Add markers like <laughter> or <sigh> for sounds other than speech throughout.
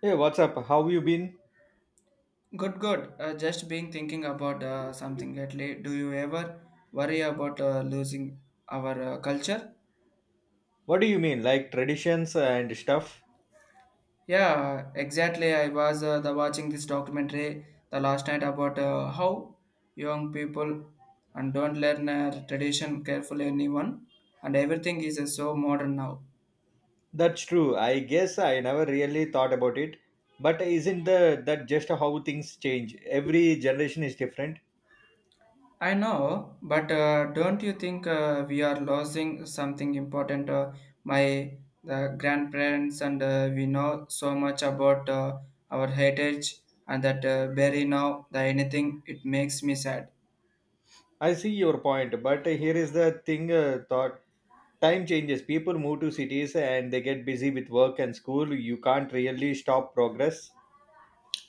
Hey, what's up? How you been? Good, good. Just been thinking about something lately. Do you ever worry about losing our culture? What do you mean, like traditions and stuff? Yeah, exactly. I was the watching this documentary the last night about how young people and don't learn tradition carefully anyone and everything is so modern now. That's true. I guess I never really thought about it. But isn't the that just how things change? Every generation is different. I know, but don't you think we are losing something important? My the grandparents and we know so much about our heritage and that bury now the anything it makes me sad. I see your point, but here is the thing thought time changes. People move to cities and they get busy with work and school. You can't really stop progress.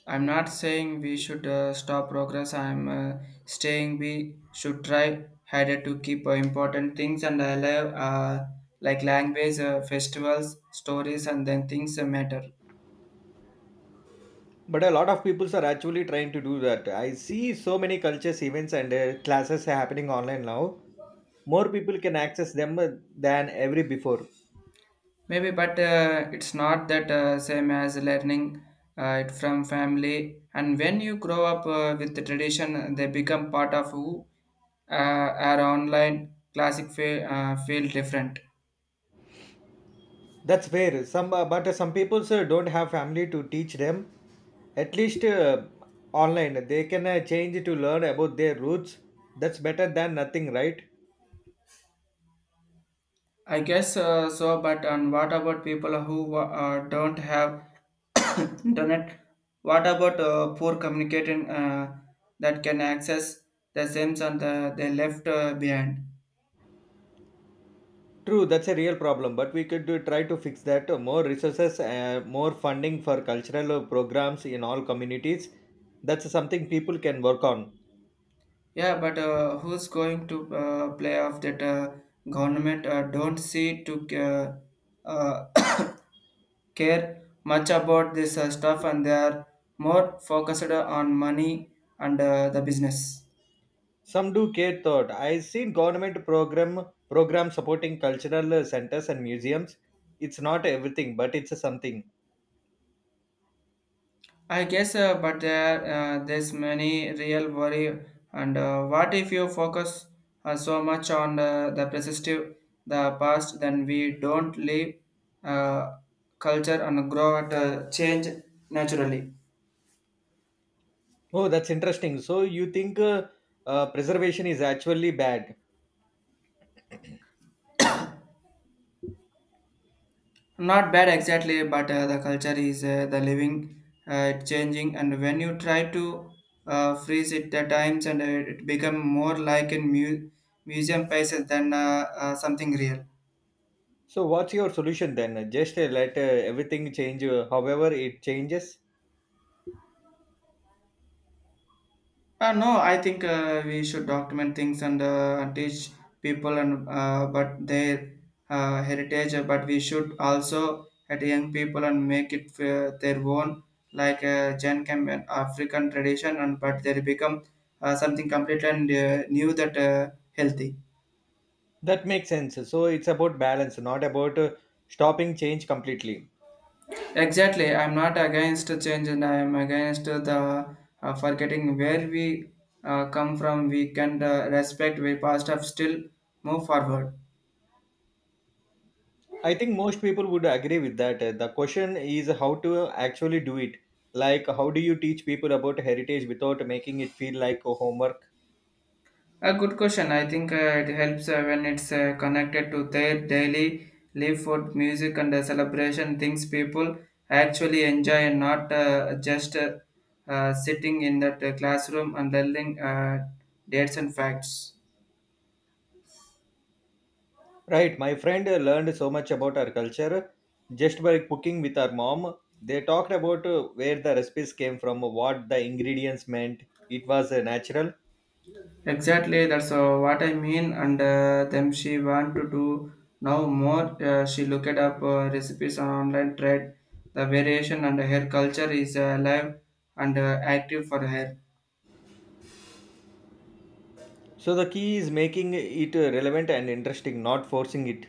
I'm not saying we should stop progress. I'm saying we should try harder to keep important things and alive, like language, festivals, stories, and then things that matter. But a lot of people are actually trying to do that. I see so many cultures events and classes happening online now. More people can access them than ever before. Maybe, but it's not that same as learning it from family. And when you grow up with the tradition, they become part of who are online. Classic feel, feel different. That's fair. Some, but some people sir, don't have family to teach them. At least online, they can change to learn about their roots. That's better than nothing, right? I guess so. But and what about people who don't have <coughs> internet? What about poor communicating that can access the same and the, they left behind? True, that's a real problem, but we could do, try to fix that. More resources, more funding for cultural programs in all communities. That's something people can work on. Yeah, but who's going to play off that government don't see to uh, uh, <coughs> care much about this stuff and they are more focused on money and the business. Some do care thought. I seen government program supporting cultural centers and museums. It's not everything, but it's something. I guess, but there's many real worry and what if you focus so much on the prescriptive, the past, then we don't live uh, culture and grow at change naturally. Oh, that's interesting. So you think preservation is actually bad? Not bad exactly, but the culture is the living, it changing, and when you try to freeze it at times, and it become more like in museum pieces than something real. So what's your solution then? Just let everything change, however it changes. No, I think we should document things and teach people and but their heritage. But we should also at young people and make it their own, like Gen Chem and African tradition. And but they become something completely new that healthy. That makes sense. So it's about balance, not about stopping change completely. Exactly, I'm not against change, and I am against the forgetting where we come from. We can respect we past, have still move forward. I think most people would agree with that. The question is how to actually do it. Like, how do you teach people about heritage without making it feel like a homework? A good question. I think it helps when it's connected to their daily live, food, music, and celebration things people actually enjoy, and not just sitting in that classroom and learning dates and facts. Right, my friend learned so much about our culture just by cooking with our mom. They talked about where the recipes came from, what the ingredients meant. It was natural. Exactly, that's what I mean. And then she want to do now more. She looked up recipes on online trade. The variation and her culture is alive and active for her. So the key is making it relevant and interesting, not forcing it.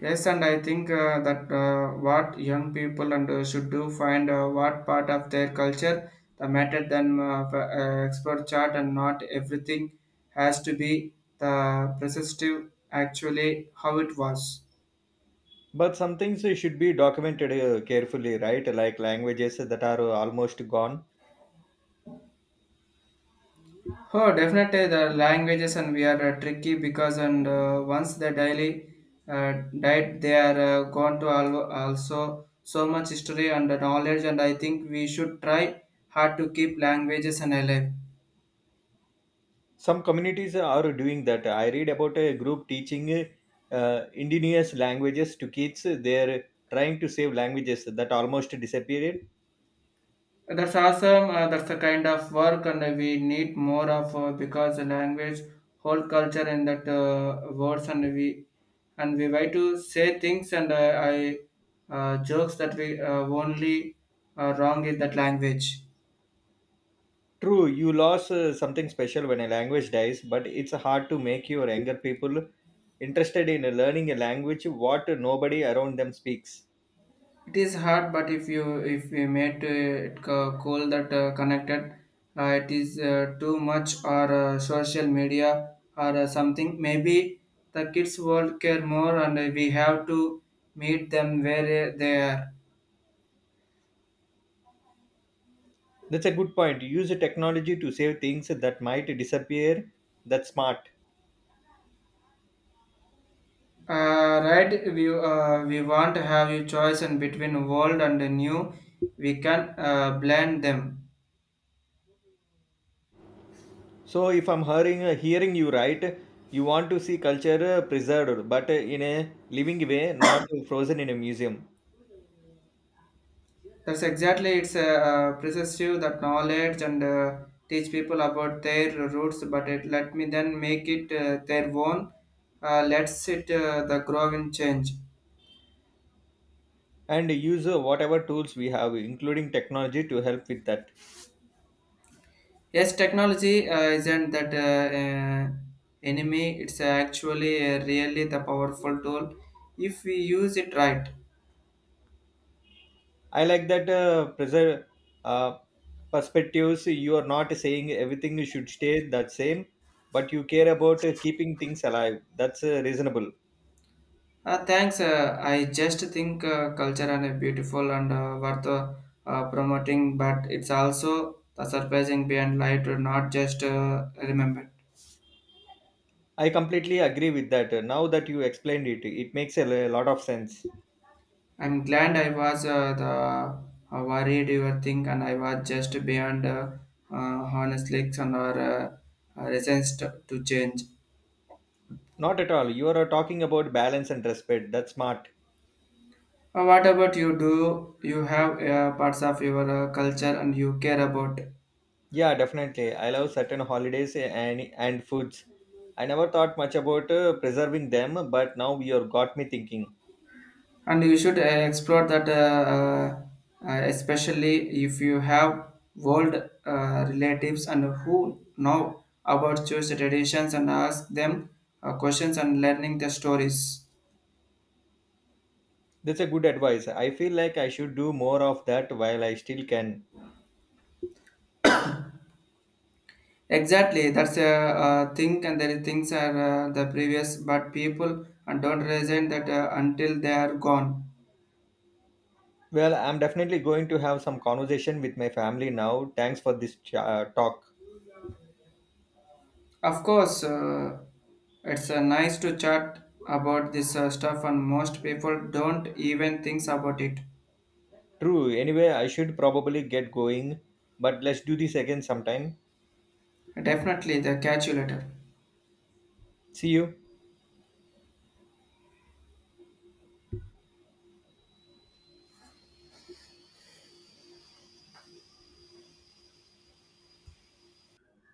Yes, and I think that what young people and should do find what part of their culture the matter than expert chart and not everything has to be the perceptive actually how it was. But some things should be documented carefully, right? Like languages that are almost gone. Oh, definitely the languages and we are tricky because and once the daily uh, died they are gone to also so much history and knowledge and I think we should try hard to keep languages and alive. Some communities are doing that. I read about a group teaching indigenous languages to kids. They're trying to save languages that almost disappeared. That's awesome. That's the kind of work, and we need more of because the language, whole culture, and that words, and we try to say things and I jokes that we only wrong in that language. True, you lost something special when a language dies, but it's hard to make your younger people interested in learning a language what nobody around them speaks. It is hard, but if you made it call that connected, it is too much or social media or something. Maybe the kids world care more, and we have to meet them where they are. That's a good point. Use technology to save things that might disappear. That's smart. Right, we want to have a choice in between world and new. We can blend them. So if I'm hearing you right, you want to see culture preserved, but in a living way, not frozen in a museum, That's exactly it's precisely that knowledge and teach people about their roots, but it let me then make it their own. Let's it the grow and change. and use whatever tools we have, including technology, to help with that. Yes, technology isn't that enemy. It's actually really the powerful tool if we use it right. I like that preserve uh, perspectives. You are not saying everything should stay the same, but you care about keeping things alive. That's reasonable. Thanks. I just think culture and a beautiful and worth promoting, but it's also the surprising beyond light to not just remembered. I completely agree with that. Now that you explained it, it makes a lot of sense. I'm glad I was the worried you were think, and I was just beyond honestly and or resistance to change. Not at all. You are talking about balance and respect. That's smart. What about you? Do you have parts of your culture and you care about? Yeah, definitely. I love certain holidays and foods. I never thought much about preserving them, but now you have got me thinking. And you should explore that especially if you have old relatives and who know about Jewish traditions and ask them questions and learning the stories. That's a good advice. I feel like I should do more of that while I still can. Exactly, that's a thing and there are things are the previous but people and don't reason that until they are gone. Well, I'm definitely going to have some conversation with my family now. Thanks for this talk. Of course, it's nice to chat about this stuff and most people don't even think about it. True. Anyway, I should probably get going, but let's do this again sometime. Definitely, the catch you later. See you.